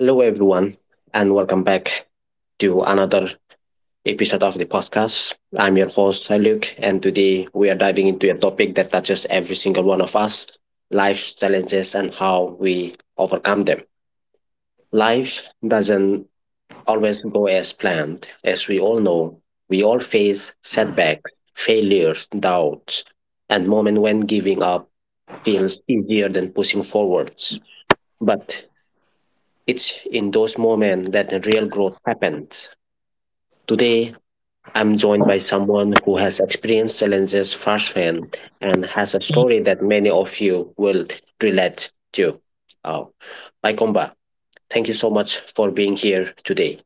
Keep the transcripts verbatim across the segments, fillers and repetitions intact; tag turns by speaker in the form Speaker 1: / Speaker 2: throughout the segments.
Speaker 1: Hello, everyone, and welcome back to another episode of the podcast. I'm your host, Luke, and today we are diving into a topic that touches every single one of us, life's challenges and how we overcome them. Life doesn't always go as planned. As we all know, we all face setbacks, failures, doubts, and moments when giving up feels easier than pushing forwards. But it's in those moments that the real growth happens. Today, I'm joined by someone who has experienced challenges firsthand and has a story that many of you will relate to. Uh, Paikomba, thank you so much for being here today.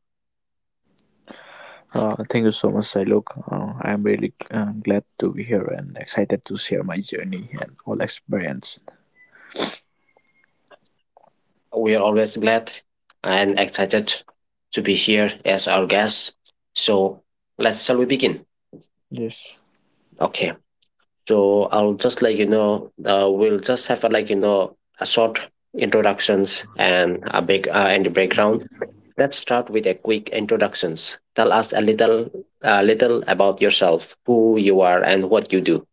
Speaker 2: Uh, thank you so much, Silok. Uh, I'm really uh, glad to be here and excited to share my journey and all experience.
Speaker 1: We are always glad and excited to be here as our guest. So, let's shall we begin?
Speaker 2: Yes.
Speaker 1: Okay. So I'll just like you know, uh, we'll just have a, like you know a short introductions and a big uh, and the background. Let's start with a quick introductions. Tell us a little, a little about yourself, who you are, and what you do.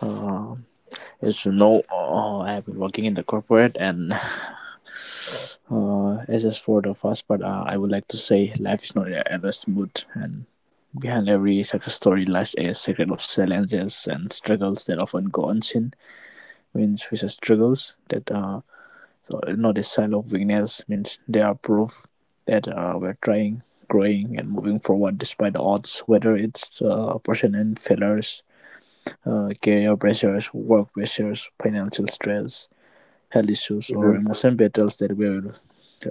Speaker 2: Uh, as you know, uh, I have been working in the corporate, and uh, as is for the first part, uh, I would like to say life is not ever smooth, and behind every success story lies a secret of challenges and struggles that often go unseen. Means, which are struggles that uh. So it's not a sign of weakness, means they are proof that uh, we're trying, growing, and moving forward despite the odds, whether it's uh, personal failures, uh, career pressures, work pressures, financial stress, health issues, or
Speaker 1: Hmm.
Speaker 2: emotional battles that we're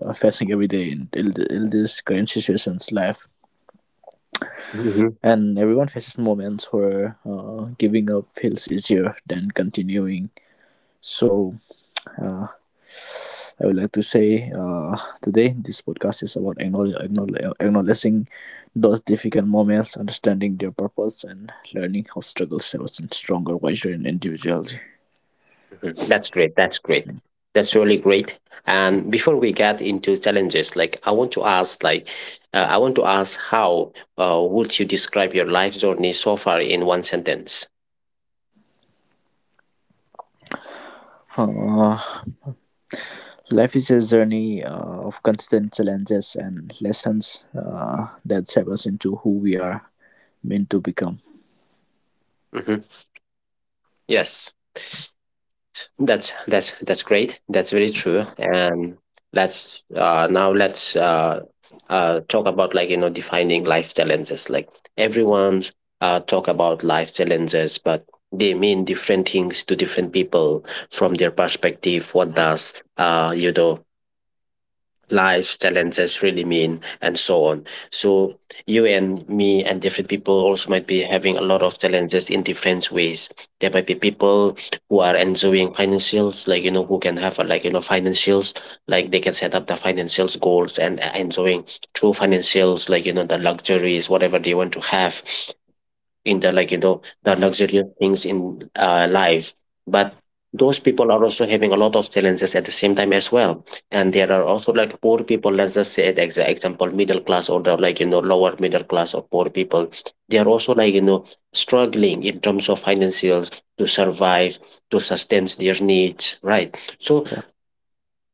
Speaker 2: uh, facing every day in, in, in this current situation's life.
Speaker 1: Hmm.
Speaker 2: And everyone faces moments where uh, giving up feels easier than continuing. So Uh, I would like to say uh, today this podcast is about acknowledge, acknowledge, acknowledging those difficult moments, understanding their purpose, and learning how struggle serves in stronger, wiser, and individuality.
Speaker 1: Mhm. That's great. That's great. That's really great. And before we get into challenges, like I want to ask, like uh, I want to ask, how uh, would you describe your life journey so far in one sentence?
Speaker 2: Uh, Life is a journey uh, of constant challenges and lessons uh, that shape us into who we are meant to become.
Speaker 1: Hmm. Yes. That's that's that's great. That's very true. And let's uh, now let's uh, uh, talk about like you know defining life challenges. Like everyone's uh, talk about life challenges, but they mean different things to different people from their perspective. What does uh, you know lives, challenges really mean, and so on. So you and me and different people also might be having a lot of challenges in different ways. There might be people who are enjoying financials, like you know, who can have a, like you know financials, like they can set up the financials goals and uh, enjoying true financials, like you know the luxuries, whatever they want to have in the like you know the luxurious things in uh, life, but those people are also having a lot of challenges at the same time as well. And there are also like poor people. Let's just say an example, middle class or the like you know lower middle class or poor people, they are also like you know struggling in terms of financials to survive, to sustain their needs, right? So
Speaker 2: Yeah.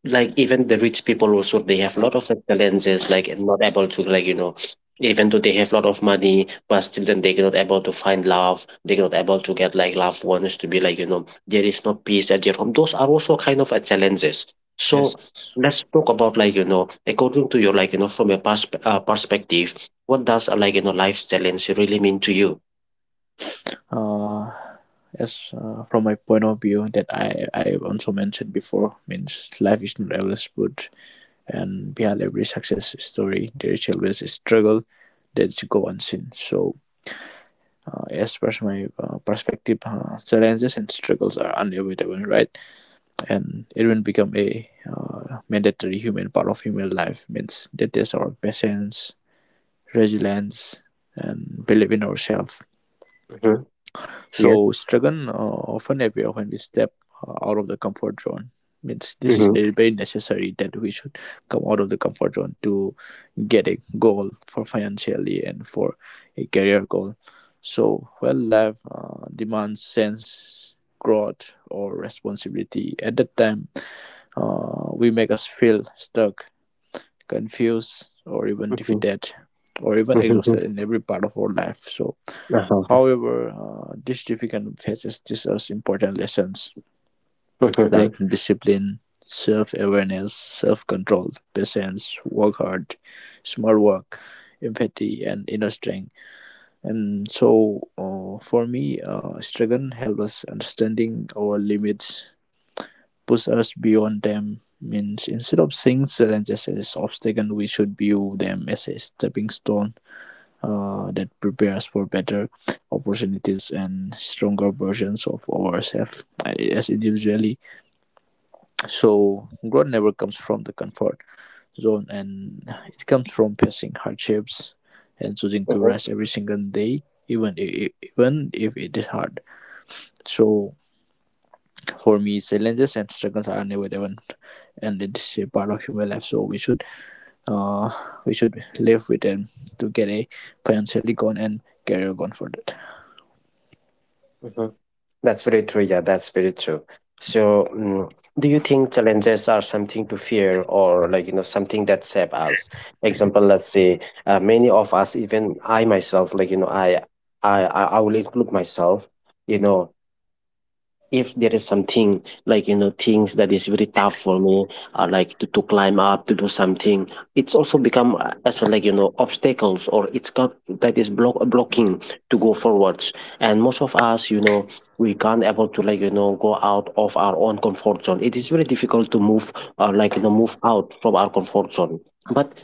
Speaker 1: like even the rich people also, they have a lot of challenges, like, and not able to, like you know even though they have a lot of money, but still then they cannot able to find love, they cannot able to get like loved ones to be, like you know there is no peace at your home. Those are also kind of a challenges.
Speaker 2: Yes.
Speaker 1: So let's talk about, like you know according to your, like you know from your persp uh, perspective, what does a like you know life challenge really mean to you?
Speaker 2: uh, as uh, From my point of view that I, I also mentioned before, means life is not always good, and behind every success story there is always a struggle that's go unseen. So uh, as per my uh, perspective, uh, challenges and struggles are unavoidable, right? And it will become a uh, mandatory human part of human life, means that is our patience, resilience, and believe in ourselves.
Speaker 1: Hmm.
Speaker 2: So
Speaker 1: Yes.
Speaker 2: struggling uh, often appear when we step uh, out of the comfort zone. Means this is
Speaker 1: Mm-hmm.
Speaker 2: ne- very necessary that we should come out of the comfort zone to get a goal for financially and for a career goal. So well, life uh, demands sense, growth, or responsibility. At that time, uh, we make us feel stuck, confused, or even
Speaker 1: Mm-hmm.
Speaker 2: defeated, or even
Speaker 1: Mm-hmm. Uh-huh.
Speaker 2: exhausted in every part of our life. So however, uh, this difficult phases teach us important lessons like discipline, self-awareness, self-control, patience, work hard, smart work, empathy, and inner strength. And so, uh, for me, uh, struggle helps us understanding our limits, push us beyond them. Means instead of seeing challenges as obstacles, we should view them as a stepping stone uh, that prepares for better opportunities and stronger versions of ourselves as individually. So growth never comes from the comfort zone, and it comes from facing hardships and choosing to rest every single day, even if, even if it is hard. So for me, challenges and struggles are inevitable, and it's a part of human life. So we should uh, we should live with them to get a financially gone and career gone for that.
Speaker 1: Mm-hmm. That's very true. Yeah, that's very true. So, mm, do you think challenges are something to fear or, like, you know, something that shape us? Example, let's say uh, many of us, even I myself, like, you know, I, I, I I will include myself, you know, if there is something, like, you know, things that is very tough for me, uh, like to, to climb up, to do something, it's also become uh, as a, like, you know, obstacles or it's got that is block, blocking to go forwards. And most of us, you know, we can't able to, like, you know, go out of our own comfort zone. It is very difficult to move, uh, like, you know, move out from our comfort zone. But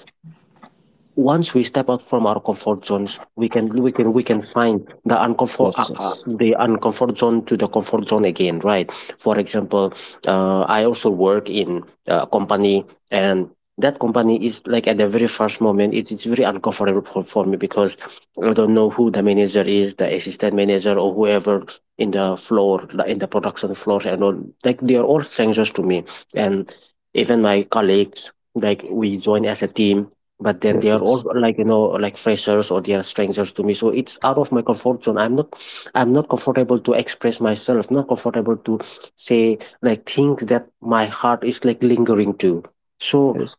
Speaker 1: once we step out from our comfort zones, we can we can we can find the uncomfort
Speaker 2: Yes,
Speaker 1: uh, uh,
Speaker 2: yes.
Speaker 1: the uncomfort zone to the comfort zone again, right? For example, uh, I also work in a company, and that company is like at the very first moment, it is very uncomfortable for, for me because I don't know who the manager is, the assistant manager, or whoever in the floor, like in the production floor, and all. Like they are all strangers to me, and even my colleagues. Like we join as a team, but then they
Speaker 2: Yes,
Speaker 1: are all
Speaker 2: yes,
Speaker 1: like you know like freshers or they are strangers to me, so it's out of my comfort zone. I'm not i'm not comfortable to express myself, not comfortable to say like things that my heart is like lingering to. So
Speaker 2: yes.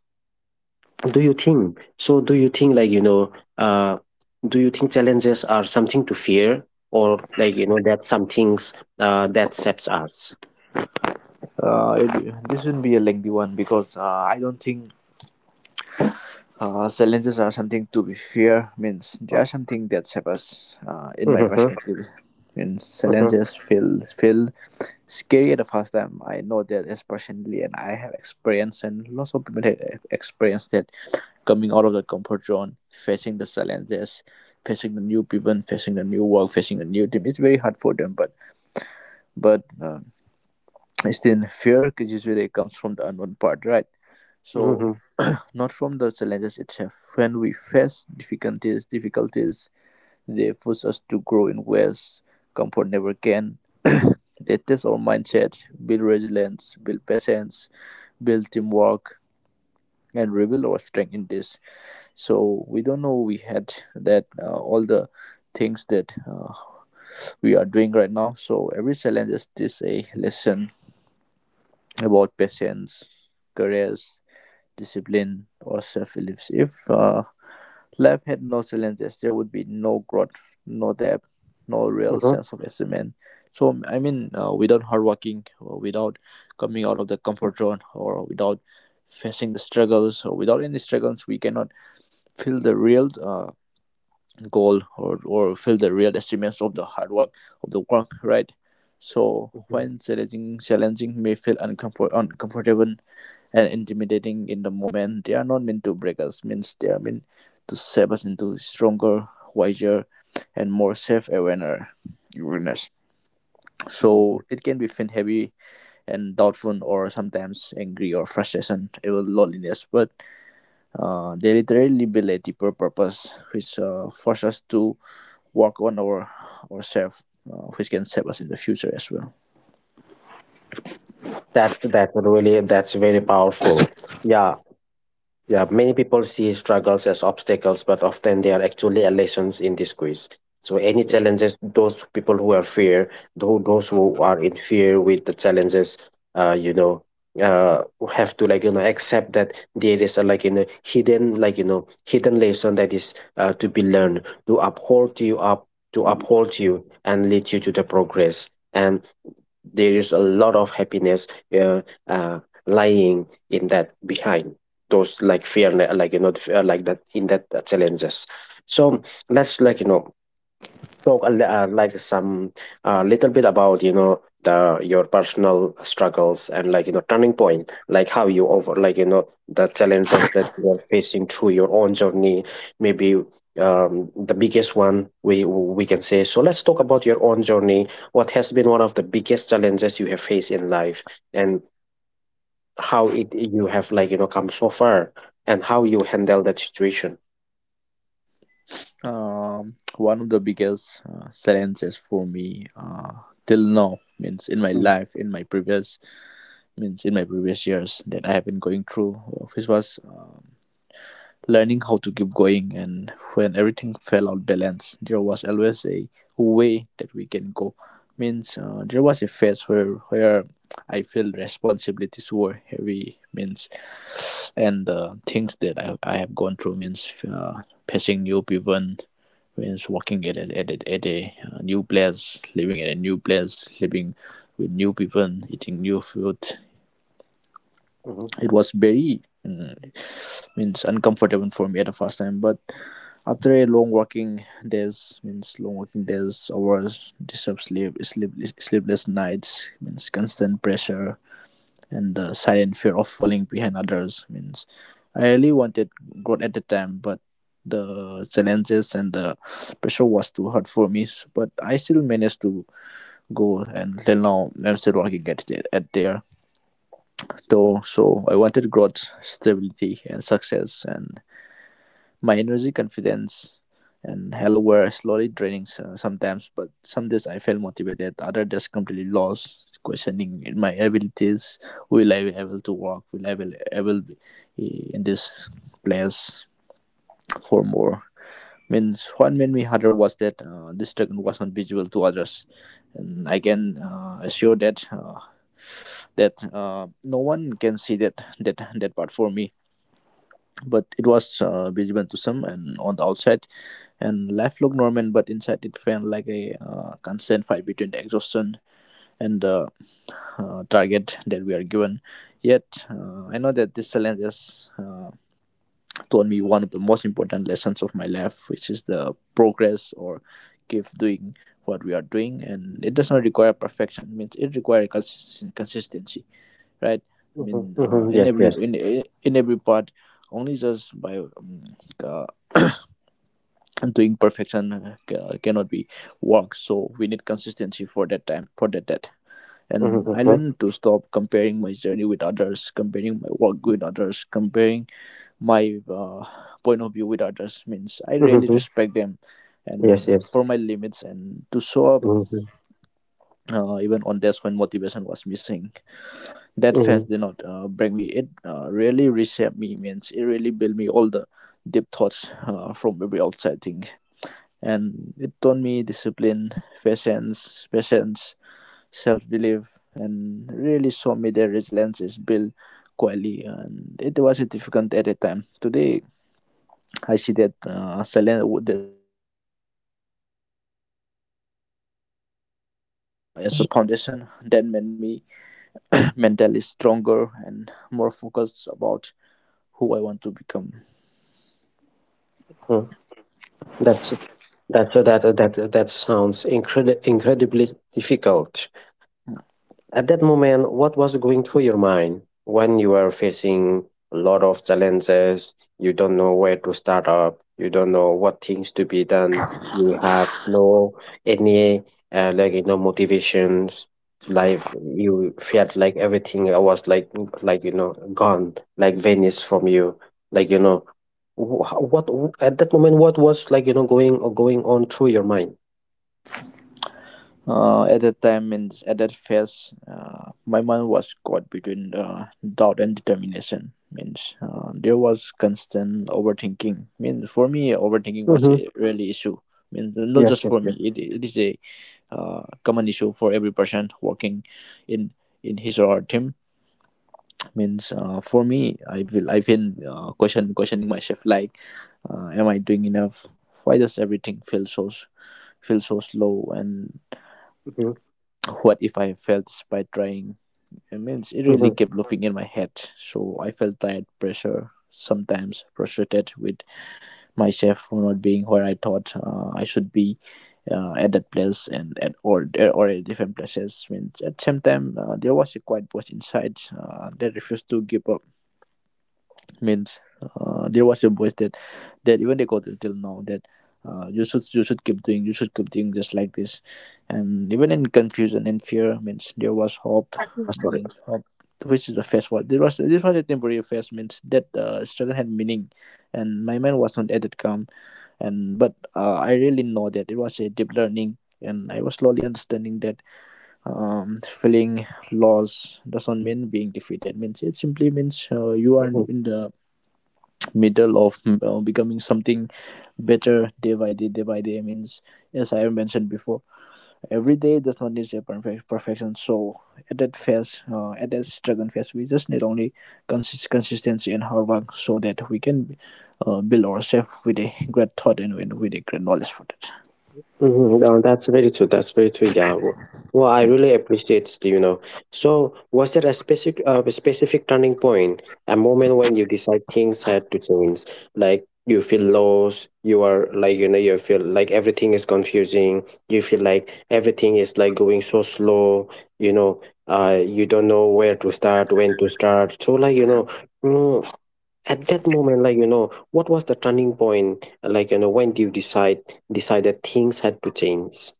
Speaker 1: do you think so do you think, like you know uh do you think challenges are something to fear or, like you know that some things uh that accepts us?
Speaker 2: Uh, it, this would be a lengthy one because uh, I don't think uh, challenges are something to be fear. Means they
Speaker 1: Oh.
Speaker 2: are something that separates. Uh, in my
Speaker 1: Mhm,
Speaker 2: perspective, means
Speaker 1: mhm,
Speaker 2: challenges feel feel scary at the first time. I know that is personally, and I have experienced, and lots of people have experienced that coming out of the comfort zone, facing the challenges, facing the new people, facing the new work, facing the new team. It's very hard for them, but but. uh, still fear c- usually comes from the unknown part, right? So
Speaker 1: mhm,
Speaker 2: not from the challenges itself. When we face difficulties difficulties, they push us to grow in ways comfort never can. They test our mindset, build resilience, build patience, build teamwork, and reveal our strength in this. So we don't know we had that uh, all the things that uh, we are doing right now. So every challenge is this a lesson about patience, courage, discipline, or self beliefs. If uh, life had no challenges, there would be no growth, no depth, no real
Speaker 1: mhm,
Speaker 2: sense of achievement. So, I mean, uh, without hard working, or without coming out of the comfort zone, or without facing the struggles, or without any struggles, we cannot feel the real uh, goal, or, or feel the real achievements of the hard work, of the work, right? So,
Speaker 1: mhm, mhm,
Speaker 2: when challenging, challenging may feel uncomfort, uncomfortable and intimidating in the moment. They are not meant to break us, means they are meant to shape us into stronger, wiser, and more self awareness. So
Speaker 1: mhm.
Speaker 2: it can be feel heavy and doubtful, or sometimes angry or frustration, even loneliness. But uh, they literally build a deeper purpose, which uh, forces us to work on our ourselves, uh, which can save us in the future as well.
Speaker 1: That's that's really that's very powerful. Yeah, yeah. Many people see struggles as obstacles, but often they are actually a lessons in disguise. So any challenges, those people who are fear, tho- those who are in fear with the challenges, uh, you know, uh, have to like you know accept that there is a like you know hidden like you know hidden lesson that is uh, to be learned to uphold you up, to uphold you and lead you to the progress. And there is a lot of happiness uh, uh, lying in that behind those like fear, like you know the fear like that in that uh, challenges. So let's like you know talk a, li- uh, like some uh, little bit about, you know, the your personal struggles and, like you know turning point, like how you over, like you know the challenges that you are facing through your own journey. Maybe um the biggest one, we we can say. So let's talk about your own journey. What has been one of the biggest challenges you have faced in life, and how it you have, like you know come so far, and how you handle that situation?
Speaker 2: Um, one of the biggest uh, challenges for me uh, till now, means in my
Speaker 1: Mm.
Speaker 2: life, in my previous means in my previous years that I have been going through, uh, which was um, learning how to keep going. And when everything fell out balance, there was always a way that we can go. Means uh, there was a phase where where I feel responsibilities were heavy. Means and the things that I, I have gone through, means uh, passing new people, means working at a, at, a, at a uh, new place, living at a new place, living with new people, eating new food.
Speaker 1: Mhm.
Speaker 2: It was very mm, means uncomfortable for me at the first time, but after a long working days, means long working days hours, disturbed sleep sleep, sleepless nights, means constant pressure and the silent fear of falling behind others, means I really wanted growth at the time, but the challenges and the pressure was too hard for me. S- but I still managed to go, and till now I'm still working at, it- at there though. So I wanted growth, stability and success, and my energy, confidence, and hell were slowly draining so- sometimes. But some days I felt motivated, other days completely lost, questioning my abilities. Will I be able to work? Will I be able be in this place for more? Means what made me harder was that uh, this dragon was not visible to others, and I can uh, assure that uh, that uh, no one can see that that that part for me. But it was uh, visible to some, and on the outside and life looked normal, but inside it felt like a uh, constant fight between the exhaustion and the uh, target that we are given. Yet, uh, I know that this challenge has uh, taught me one of the most important lessons of my life, which is the progress or keep doing what we are doing. And it does not require perfection; it means it requires cons- consistency, right? I
Speaker 1: Mhm.
Speaker 2: mean, uh,
Speaker 1: Mhm.
Speaker 2: in
Speaker 1: Yes,
Speaker 2: every
Speaker 1: yes.
Speaker 2: in in every part, only just by um, uh, and doing perfection uh, ca- cannot be work, so we need consistency for that time for that that.
Speaker 1: Mhm.
Speaker 2: And I
Speaker 1: Mhm.
Speaker 2: learned to stop comparing my journey with others, comparing my work with others, comparing my uh, point of view with others, means I
Speaker 1: Mhm.
Speaker 2: really
Speaker 1: Mhm.
Speaker 2: respect them
Speaker 1: Yes,
Speaker 2: and
Speaker 1: yes.
Speaker 2: for my limits and to show up
Speaker 1: Mhm.
Speaker 2: uh, even on days when motivation was missing. That
Speaker 1: Mhm.
Speaker 2: fast did not uh, break me, it uh, really reshaped me, means it really built me all the deep thoughts uh, from every outside thing. And it taught me discipline, patience, patience, self-belief, and really showed me that resilience is built quietly. And it was difficult at a time. Today, I see that uh, silence, as a foundation that made me mentally stronger and more focused about who I want to become.
Speaker 1: Mhm. That's that's that that that sounds incredi incredibly difficult. At that moment, what was going through your mind when you were facing a lot of challenges? You don't know where to start up. You don't know what things to be done. You have no any uh, like you know motivations. Life, you felt like everything uh, was like, like you know gone, like vanished from you. Like, you know, wh- how- what at that moment, what was, like you know going going on through your mind?
Speaker 2: Uh, at that time, means at that phase, uh, my mind was caught between uh, doubt and determination. Means uh, there was constant overthinking. Means for me, overthinking was
Speaker 1: Mm-hmm.
Speaker 2: a really issue. Means not
Speaker 1: Yes,
Speaker 2: just
Speaker 1: yes,
Speaker 2: for me,
Speaker 1: yes.
Speaker 2: it, it is a uh, common issue for every person working in in his or her team. Means uh, for me, I feel I've been uh, question questioning myself like uh, am I doing enough? Why does everything feel so s- feel so slow, and
Speaker 1: Mm-hmm.
Speaker 2: what if I fail despite trying? I mean, it really
Speaker 1: Mm-hmm.
Speaker 2: kept looping in my head. So I felt tired, pressure, sometimes frustrated with myself for not being where I thought uh, I should be uh, at that place and at or or at different places. I mean, at the same time, uh, there was a quiet voice inside uh, that refused to give up. Means uh, there was a voice that that even they got it till now that uh, you should you should keep doing, you should keep doing just like this. And even in confusion and fear, means there was hope.
Speaker 1: Sorry.
Speaker 2: Means which is the first one, there was this was a temporary phase. Means that uh, struggle had meaning, and my mind was not at that calm. And but uh, I really know that it was a deep learning, and I was slowly understanding that, um, feeling loss doesn't mean being defeated. Means it simply means uh, you are in the middle of mm, uh, becoming something better day by day, day by day means, as I have mentioned before, every day does not need a perfect perfection So at that phase uh, at that struggle phase, we just need only consist- consistency and hard work so that we can uh, build ourselves with a great thought and with with a great knowledge for that.
Speaker 1: Mhm. No, that's very true. That's very true. Yeah. W- Well, I really appreciate it, you know. So, was there a specific, uh, a specific turning point, a moment when you decide things had to change? Like you feel lost, you are, like, you know, you feel like everything is confusing, you feel like everything is like going so slow, you know, uh, you don't know where to start, when to start. So, like, you know, mm, at that moment, like you know what was the turning point, like you know when do you decide decide that things had to change?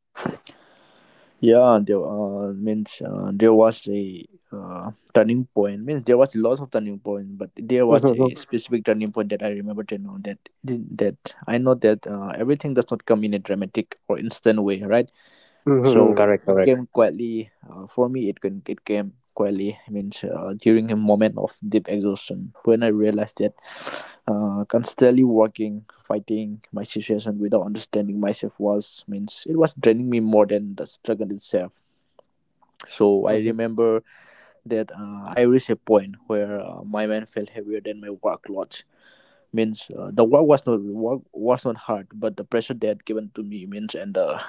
Speaker 2: Yeah, and there uh, means uh, there was a uh, turning point. Means there was lots of turning point, but there was
Speaker 1: Mm-hmm.
Speaker 2: a specific turning point that I remember to know that, that I know that, uh, everything does not come in a dramatic or instant way, right?
Speaker 1: Mm-hmm.
Speaker 2: So
Speaker 1: Correct,
Speaker 2: it
Speaker 1: correct.
Speaker 2: came quietly. Uh, for me, it can it came quietly. Means uh, during a moment of deep exhaustion when I realized that uh, constantly working, fighting my situation without understanding myself was means it was draining me more than the struggle itself. So I
Speaker 1: Mm-hmm.
Speaker 2: remember that uh, I reached a point where uh, my mind felt heavier than my workload. Means uh, the work was not, work was not hard, but the pressure they had given to me, means, and the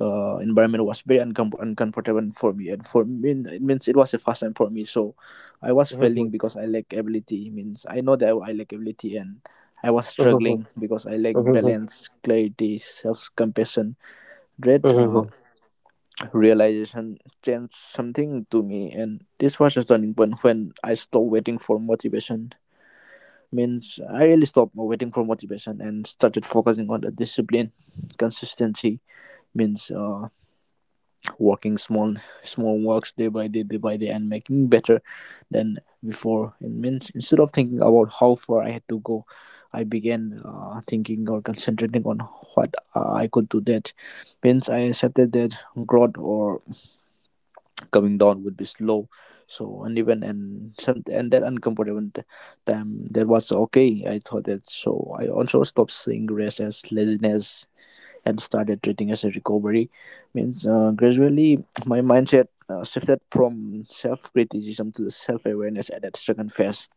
Speaker 2: uh, environment was very uncom- uncomfortable for me. And for me, it means it was the first time for me, so I was
Speaker 1: Mm-hmm.
Speaker 2: failing because I lack ability. Means I know that I lack ability, and I was
Speaker 1: Mm-hmm.
Speaker 2: struggling because I lack
Speaker 1: Mm-hmm.
Speaker 2: balance, clarity, self compassion, dread. Uh,
Speaker 1: Mm-hmm.
Speaker 2: realization changed something to me, and this was a turning point when I stopped waiting for motivation. Means I really stopped waiting for motivation and started focusing on the discipline, consistency. Means uh, working small, small works day by day, day by day and making better than before. It means instead of thinking about how far I had to go, I began uh, thinking or concentrating on what uh, I could do. That means I accepted that growth or coming down would be slow, so uneven, and some, and that uncomfortable t- time, that was okay. I thought that, so I also stopped seeing rest as laziness and started treating as a recovery. Means uh, gradually, my mindset uh, shifted from self-criticism to self-awareness at that second phase.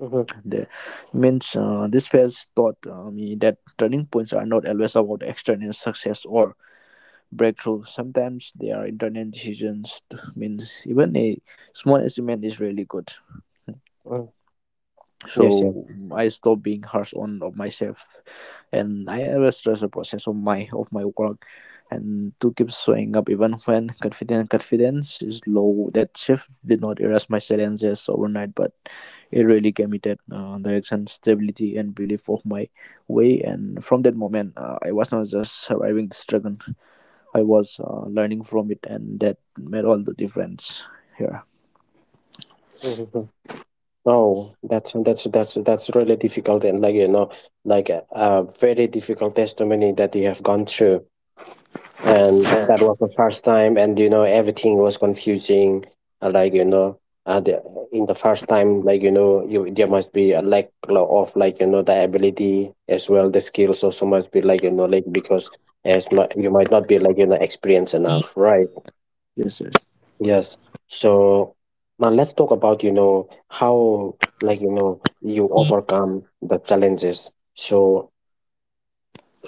Speaker 1: Mm-hmm.
Speaker 2: The means uh, this phase taught uh, me that turning points are not always about external success or breakthrough. Sometimes there are internet decisions, t- means even a small achievement is really good.
Speaker 1: Mm-hmm. Yes, yes.
Speaker 2: So I stopped being harsh on of myself, and I always trust the process of my, of my work, and to keep showing up even when confidence confidence is low. That shift did not erase my challenges overnight, but it really gave me that uh, direction, stability, and belief of my way. And from that moment, uh, I was not just surviving the struggle, I was uh, learning from it, and that made all the difference here.
Speaker 1: Mm-hmm. Oh, that's that's that's that's really difficult and, like you know like a, a very difficult testimony that you have gone through. And that was the first time, and you know, everything was confusing, uh, like you know uh, the, in the first time, like you know you there must be a lack lo- of, like you know the ability as well, the skills also must be, like you know like because as mu you might not be, like you know experienced enough, right?
Speaker 2: Yes, yes,
Speaker 1: Yes. So now let's talk about, you know, how, like you know you overcome the challenges. So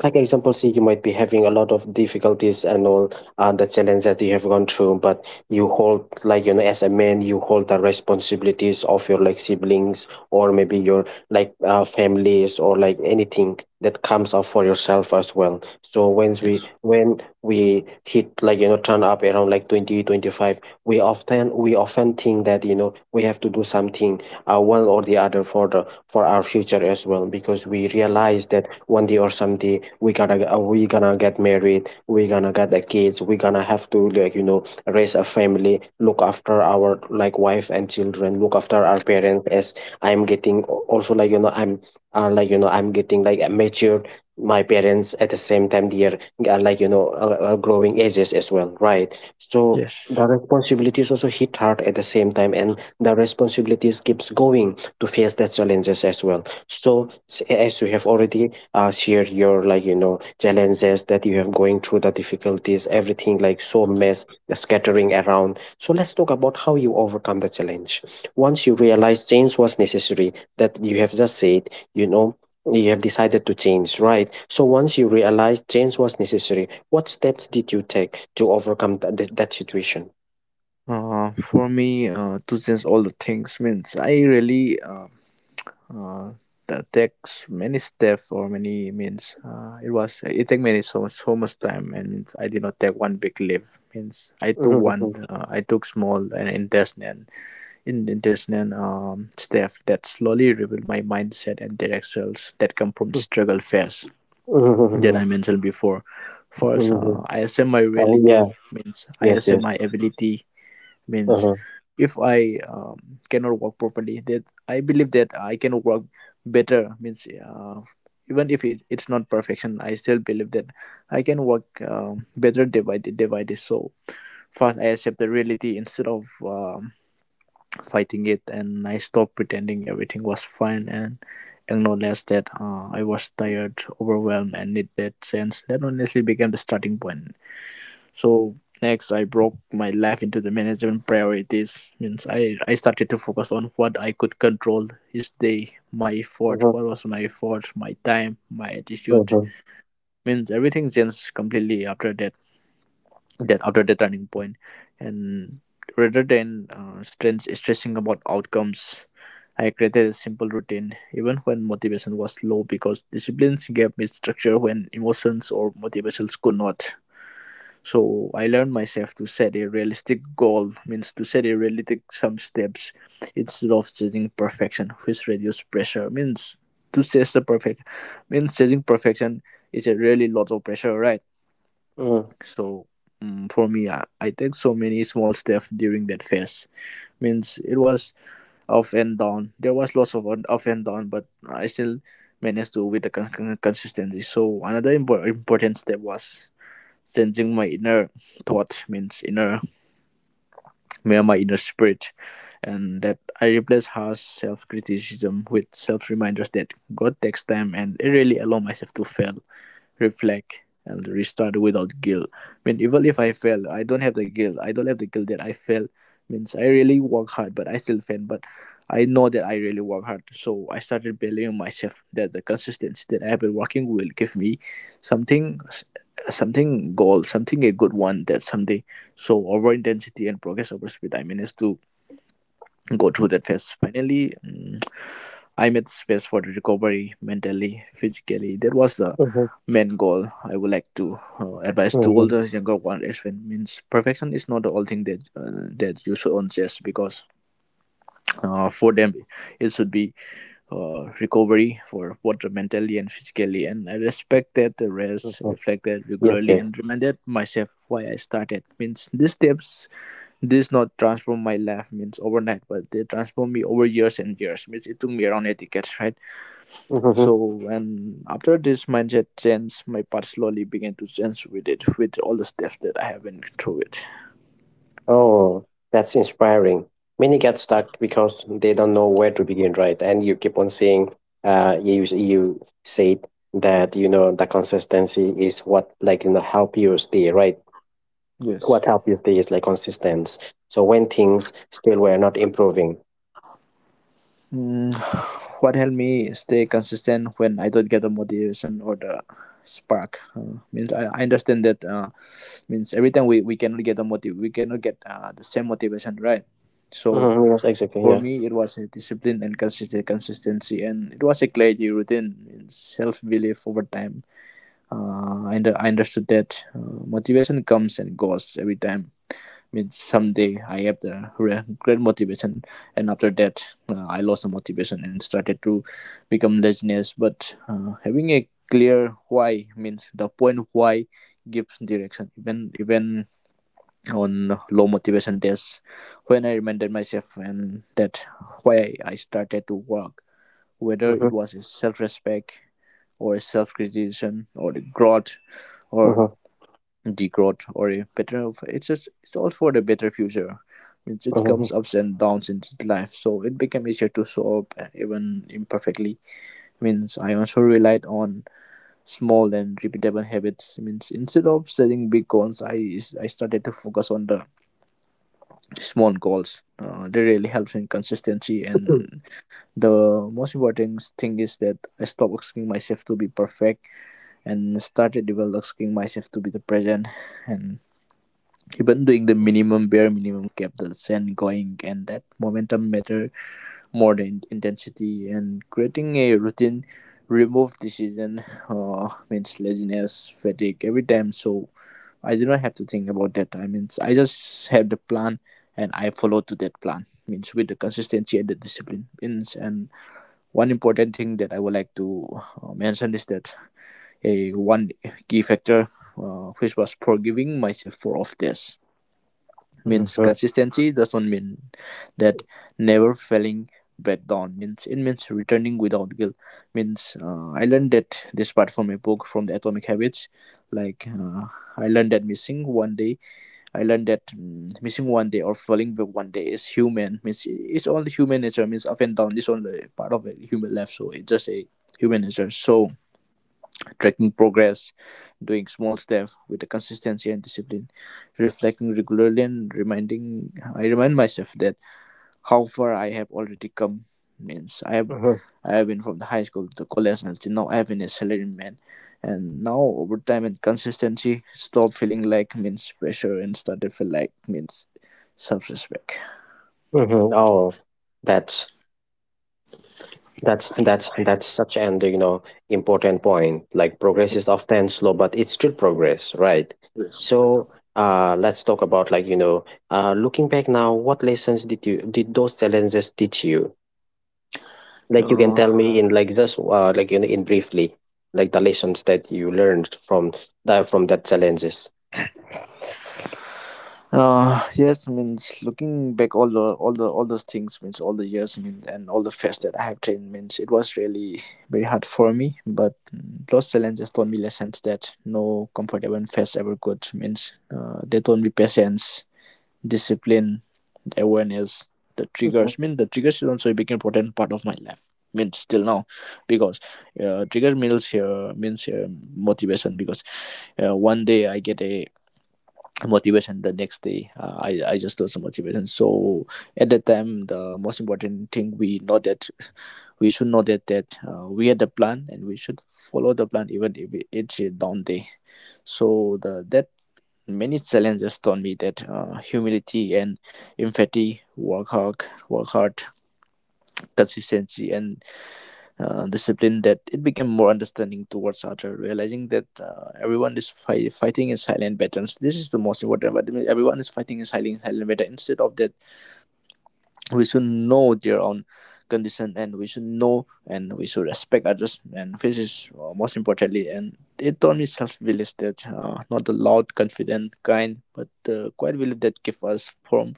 Speaker 1: like example, say you might be having a lot of difficulties and all uh, the challenge that you have gone through, but you hold, like you know as a man you hold the responsibilities of your like siblings or maybe your like uh, families or like anything that comes up for yourself as well. So when we
Speaker 2: yes,
Speaker 1: when we hit, like, you know turn up around like twenty twenty five, we often we often think that, you know we have to do something uh, one or the other for the for our future as well, because we realize that one day or someday, like, we're gonna get- uh, we gonna get married, we're gonna get the kids, we're gonna have to, like, you know raise a family, look after our, like, wife and children, look after our parents as I'm getting al- also, like, you know i'm uh, like you know I'm getting like matured. My parents at the same time, they are, uh, like, you know uh, uh, growing ages as well, right? So
Speaker 2: yes.
Speaker 1: the responsibilities also hit hard at the same time, and the responsibilities keeps going to face the challenges as well. So s- as you have already, uh, share your, like, you know challenges that you have going through, the difficulties, everything, like, so mess scattering around. So let's talk about how you overcome the challenge once you realize change was necessary, that you have just said, you know you have decided to change, right? So once you realize change was necessary, what steps did you take to overcome that, that, that situation?
Speaker 2: Uh, for me, uh, to change all the things, means I really, uh, uh, that takes many steps or many means. Uh, it was it take many, so so much time, and means I did not take one big leap. Means I took one, uh, I took small and intentional, in intentional um, step that slowly revealed my mindset and directions that come from struggle phase
Speaker 1: Mhm,
Speaker 2: that I
Speaker 1: mhm,
Speaker 2: mentioned before.
Speaker 1: mhm,
Speaker 2: First,
Speaker 1: mhm.
Speaker 2: uh, I accept my
Speaker 1: Oh, yeah.
Speaker 2: reality. Means I
Speaker 1: Yes,
Speaker 2: accept
Speaker 1: yes.
Speaker 2: my ability. Means
Speaker 1: Uh-huh.
Speaker 2: if I um, cannot walk properly, that I believe that I can walk better. Means uh, even if it, it's not perfection, I still believe that I can walk um, better day by day, day by day. So first, I accept the reality instead of um, fighting it, and I stopped pretending everything was fine and acknowledged that uh, I was tired, overwhelmed, and need that sense. That honestly became the starting point. So next, I broke my life into the management priorities. Means I I started to focus on what I could control: his day, my effort,
Speaker 1: Uh-huh.
Speaker 2: what was my effort, my time, my attitude.
Speaker 1: Uh-huh.
Speaker 2: Means everything changed completely after that, that after the turning point. And rather than uh, stress, stressing about outcomes, I created a simple routine, even when motivation was low, because disciplines gave me structure when emotions or motivations could not. So I learned myself to set a realistic goal, means to set a realistic some steps instead of chasing perfection, which reduces pressure. Means to chase the perfect, means chasing perfection is a really lot of pressure, right?
Speaker 1: Uh-huh.
Speaker 2: So, mm for me, I, I take so many small steps during that phase. Means it was up and down. There was lots of on- up and down, but I still managed to with the con- con- consistency. So another impor- important step was changing my inner thoughts, means inner, my my inner spirit, and that I replace harsh self criticism with self reminders that God takes time, and I really allow myself to fail, reflect, and restart without guilt. I mean, even if I fail, I don't have the guilt. I don't have the guilt that I fail. Means I really work hard, but I still fail. But I know that I really work hard. So I started believing myself that the consistency that I have been working will give me something, something goal, something a good one that someday. So over intensity and progress over speed, I managed to go through that phase. Finally, mm, I made space for the recovery, mentally, physically. That was the
Speaker 1: Uh-huh.
Speaker 2: main goal I would like to uh, advise to all the younger one as well. Means perfection is not the only thing that uh, that you should on chess, because uh, for them, it should be uh, recovery for both mentally and physically. And I respect that the rest
Speaker 1: Uh-huh.
Speaker 2: reflect that
Speaker 1: Yes,
Speaker 2: regularly,
Speaker 1: yes.
Speaker 2: and reminded myself why I started. Means these steps, this not transform my life, means overnight, but they transform me over years and years. Means it took me around eight decades, right? So
Speaker 1: Hmm.
Speaker 2: when, after this mindset change, my path slowly began to change with it, with all the steps that I have been through it.
Speaker 1: Oh, that's inspiring. Many get stuck because they don't know where to begin, right? And you keep on saying, uh, you you said that, you know the consistency is what, like, you know help you stay, right?
Speaker 2: Yes.
Speaker 1: What help you stay is like consistency. So when things still were not improving,
Speaker 2: Mm, what helped me stay consistent when I don't get the motivation or the spark, uh, means I, I understand that uh, means every time we, we cannot get the motive, we cannot get uh, the same motivation, right? So
Speaker 1: hmm, yes, exactly,
Speaker 2: for
Speaker 1: yeah.
Speaker 2: me, it was a discipline and consistent consistency, and it was a clarity routine, means self-belief over time. uh, I, under, I understood that uh, motivation comes and goes every time. I mean, someday I have the re- great motivation, and after that, uh, I lost the motivation and started to become laziness. But uh, having a clear why, means the point why, gives direction, even, even on low motivation days. When I reminded myself, and that why I started to work, whether it
Speaker 1: Mm-hmm.
Speaker 2: was a self-respect or a self-criticism or the growth or
Speaker 1: Mm-hmm.
Speaker 2: degrowth or a better, it's just, it's all for the better future. Means it comes
Speaker 1: Mm-hmm.
Speaker 2: ups and downs in life, so it became easier to solve, uh, even imperfectly. Means I also relied on small and repeatable habits. Means instead of setting big goals, i i started to focus on the small goals. Uh, they really helps in consistency. And the most important thing is that I stopped asking myself to be perfect and started developing myself to be the present. And even doing the minimum, bare minimum, kept the scent going, and that momentum matter more than intensity. And creating a routine remove decision, uh, means laziness, fatigue, every time, so I do not have to think about that. I means I just have the plan, and I follow to that plan. Means with the consistency and the discipline. Means, and one important thing that I would like to uh, mention is that, a one key factor uh, which was forgiving myself for off days. Means
Speaker 1: Mm-hmm.
Speaker 2: consistency doesn't mean that, never failing back down. Means it means returning without guilt. Means uh, I learned that this part from a book, from the Atomic Habits. Like, uh, I learned that missing one day, I learned that mm, missing one day or falling back one day is human. Means it's only human nature. Means up and down is only part of a human life, so it's just a human nature. So, tracking progress, doing small steps with a consistency and discipline, reflecting regularly, and reminding I remind myself that how far I have already come. Means I have
Speaker 1: Mm-hmm.
Speaker 2: I have been from the high school to college, until now I have been a salaryman. And now, over time and consistency, stop feeling like, means, pressure, and started feel like, means, self respect.
Speaker 1: Mm-hmm. Oh, that's That's that's that's such an, you know important point. Like, progress is often slow, but it's still progress, right?
Speaker 2: Yes.
Speaker 1: So uh, let's talk about, like, you know uh, looking back now. What lessons did you did those challenges teach you? Like, you can
Speaker 2: Uh,
Speaker 1: tell me in, like, just uh, like, in, in briefly, like the lessons that you learned from that from that challenges.
Speaker 2: Uh, yes, means looking back all the all the all those things means all the years means and all the fasts that I have trained means it was really very hard for me. But mm, those challenges taught me lessons that no comfortable fast ever could. Means uh, they taught me patience, discipline, awareness, the triggers. Mean the triggers is also a big important part of my life. Means still now, because uh, trigger means here means here motivation because uh, one day I get a motivation, the next day uh, I I just do some motivation. So at that time the most important thing we know that we should know that that uh, we had a plan and we should follow the plan even if it- it's a down day. So the that many challenges taught me that uh, humility and empathy, work hard, work hard, consistency and uh, discipline, that it became more understanding towards other, realizing that uh, everyone is fi- fighting in silent battles. This is the most important. But I mean, everyone is fighting in silent silent battle. Instead of that, we should know their own condition and we should know and we should respect others. And this is uh, most importantly. And it taught me self belief that uh, not the loud, confident kind, but the quiet belief that give us from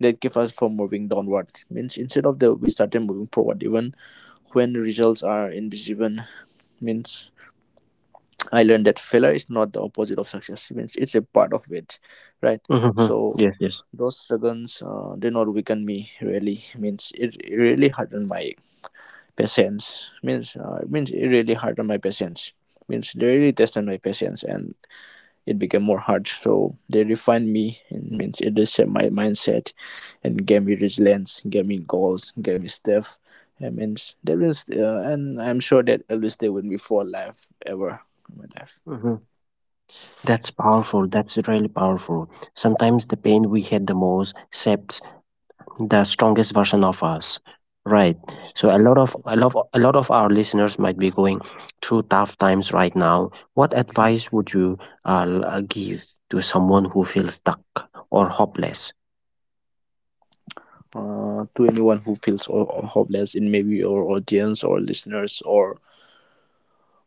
Speaker 2: that give us from moving downward. Means instead of the, we started moving forward even when results are invisible. Means I learned that failure is not the opposite of success. Means it's a part of it, right?
Speaker 1: Mm-hmm.
Speaker 2: So
Speaker 1: Yes, yes.
Speaker 2: those struggles uh, did not weaken me really. Means it, it really hardened my patience. Means uh, means it really hardened my patience. Means they really tested my patience, and it became more hard, so they refined me. And means it reset my mindset and gave me resilience, gave me goals, gave me stuff I means they will st- uh, and I'm sure that it will stay with me for life ever in my life.
Speaker 1: Hmm. That's powerful. That's really powerful. Sometimes the pain we had the most shapes the strongest version of us, right?
Speaker 2: Yes.
Speaker 1: So a lot of a lot of, a lot of our listeners might be going through tough times right now. What advice would you uh, l- uh, give to someone who feels stuck or hopeless?
Speaker 2: Uh, to anyone who feels ho- ho- hopeless in maybe your audience or listeners, or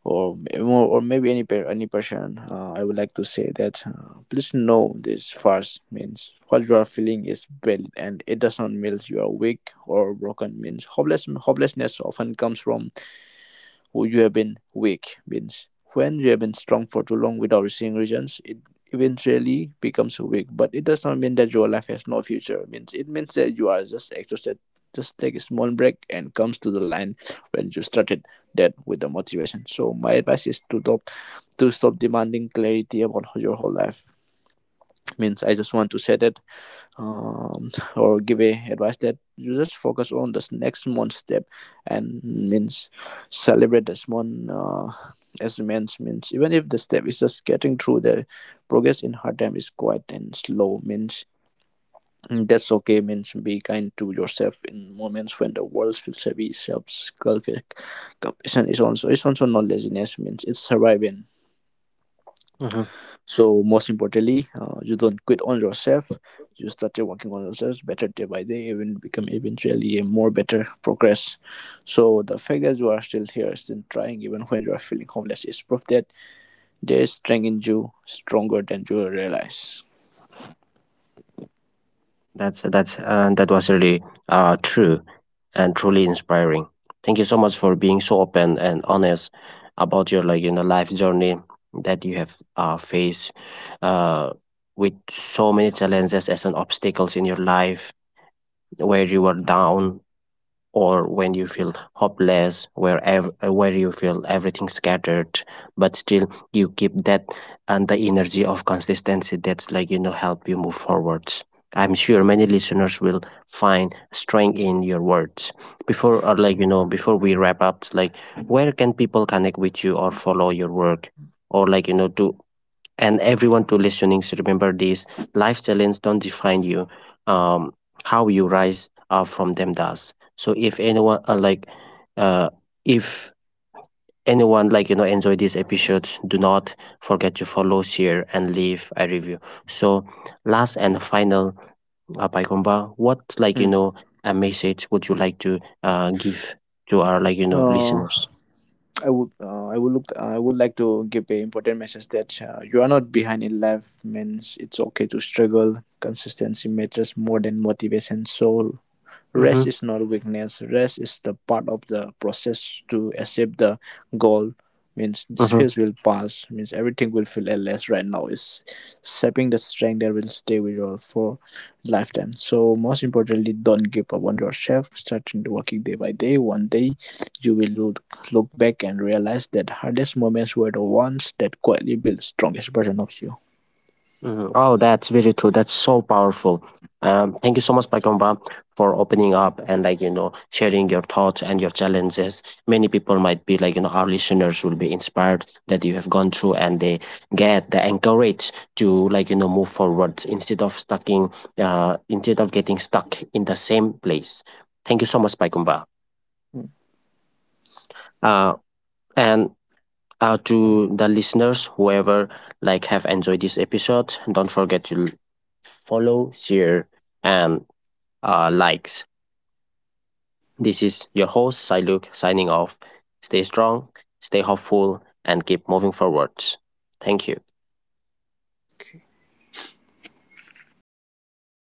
Speaker 2: or or maybe any per- any person, uh, I would like to say that uh, please know this first, means what you are feeling is valid and it does not mean you are weak or broken. Means hopeless hopelessness often comes from who you have been weak. Means when you have been strong for too long without seeing results, it eventually becomes weak, but it does not mean that your life has no future. It means, it means that you are just exhausted. Just take a small break and comes to the line when you started that with the motivation. So my advice is to stop, to stop demanding clarity about your whole life. Means I just want to say that um, or give a advice that you just focus on this next month step. And means celebrate the small uh, as means means even if the step is just getting through the progress in hard time is quiet and slow. Means mm, that's okay. Means be kind to yourself in moments when the world feels heavy. Self compassion is also is also not laziness. Means it's surviving.
Speaker 1: Hmm.
Speaker 2: So most importantly, uh, you don't quit on yourself. You started working on yourselves better day by day, even become eventually a more better progress. So the fact that you are still here, still trying, even when you are feeling hopeless, is proof that there is strength in you, stronger than you realize.
Speaker 1: That's that's uh, that was really uh, true and truly inspiring. Thank you so much for being so open and honest about your, like, you know life journey that you have uh, faced uh, with so many challenges as an obstacles in your life, where you are down or when you feel hopeless, where ev- where you feel everything scattered. But still you keep that, and the energy of consistency that's, like, you know help you move forwards. I'm sure many listeners will find strength in your words. Before, or like, you know before we wrap up, like, where can people connect with you or follow your work, or, like, you know to and everyone to listening should remember this: life challenge don't define you, um, how you rise uh, from them does. So if anyone uh, like uh if anyone, like, you know enjoy these episodes, do not forget to follow, share, and leave a review. So, last and final, uh, Paikomba, what, like, you
Speaker 2: Hmm.
Speaker 1: know a message would you like to uh give to our, like, you know
Speaker 2: Uh,
Speaker 1: listeners?
Speaker 2: I would, uh, I would look, I would like to give a important message that uh, you are not behind in life. Means it's okay to struggle. Consistency matters more than motivation. So
Speaker 1: Mm-hmm.
Speaker 2: rest is not weakness. Rest is the part of the process to accept the goal. Means this
Speaker 1: Mm-hmm.
Speaker 2: phase will pass. Means everything will feel less right now. Is shaping the strength that will stay with you for lifetime. So most importantly, don't give up on yourself. Start working day by day. One day, you will look look back and realize that hardest moments were the ones that quietly built the strongest version of you.
Speaker 1: Mhm. Oh, that's very true. That's so powerful. Um, thank you so much, Pakomba, for opening up and, like, you know sharing your thoughts and your challenges. Many people might be, like, you know our listeners will be inspired that you have gone through, and they get the encourage to, like, you know move forward instead of stucking, uh instead of getting stuck in the same place. Thank you so much, Pakomba. Uh, and Uh, to the listeners, whoever, like, have enjoyed this episode, don't forget to l- follow, share, and uh, likes. This is your host Siluk signing off. Stay strong, stay hopeful, and keep moving forwards. Thank you.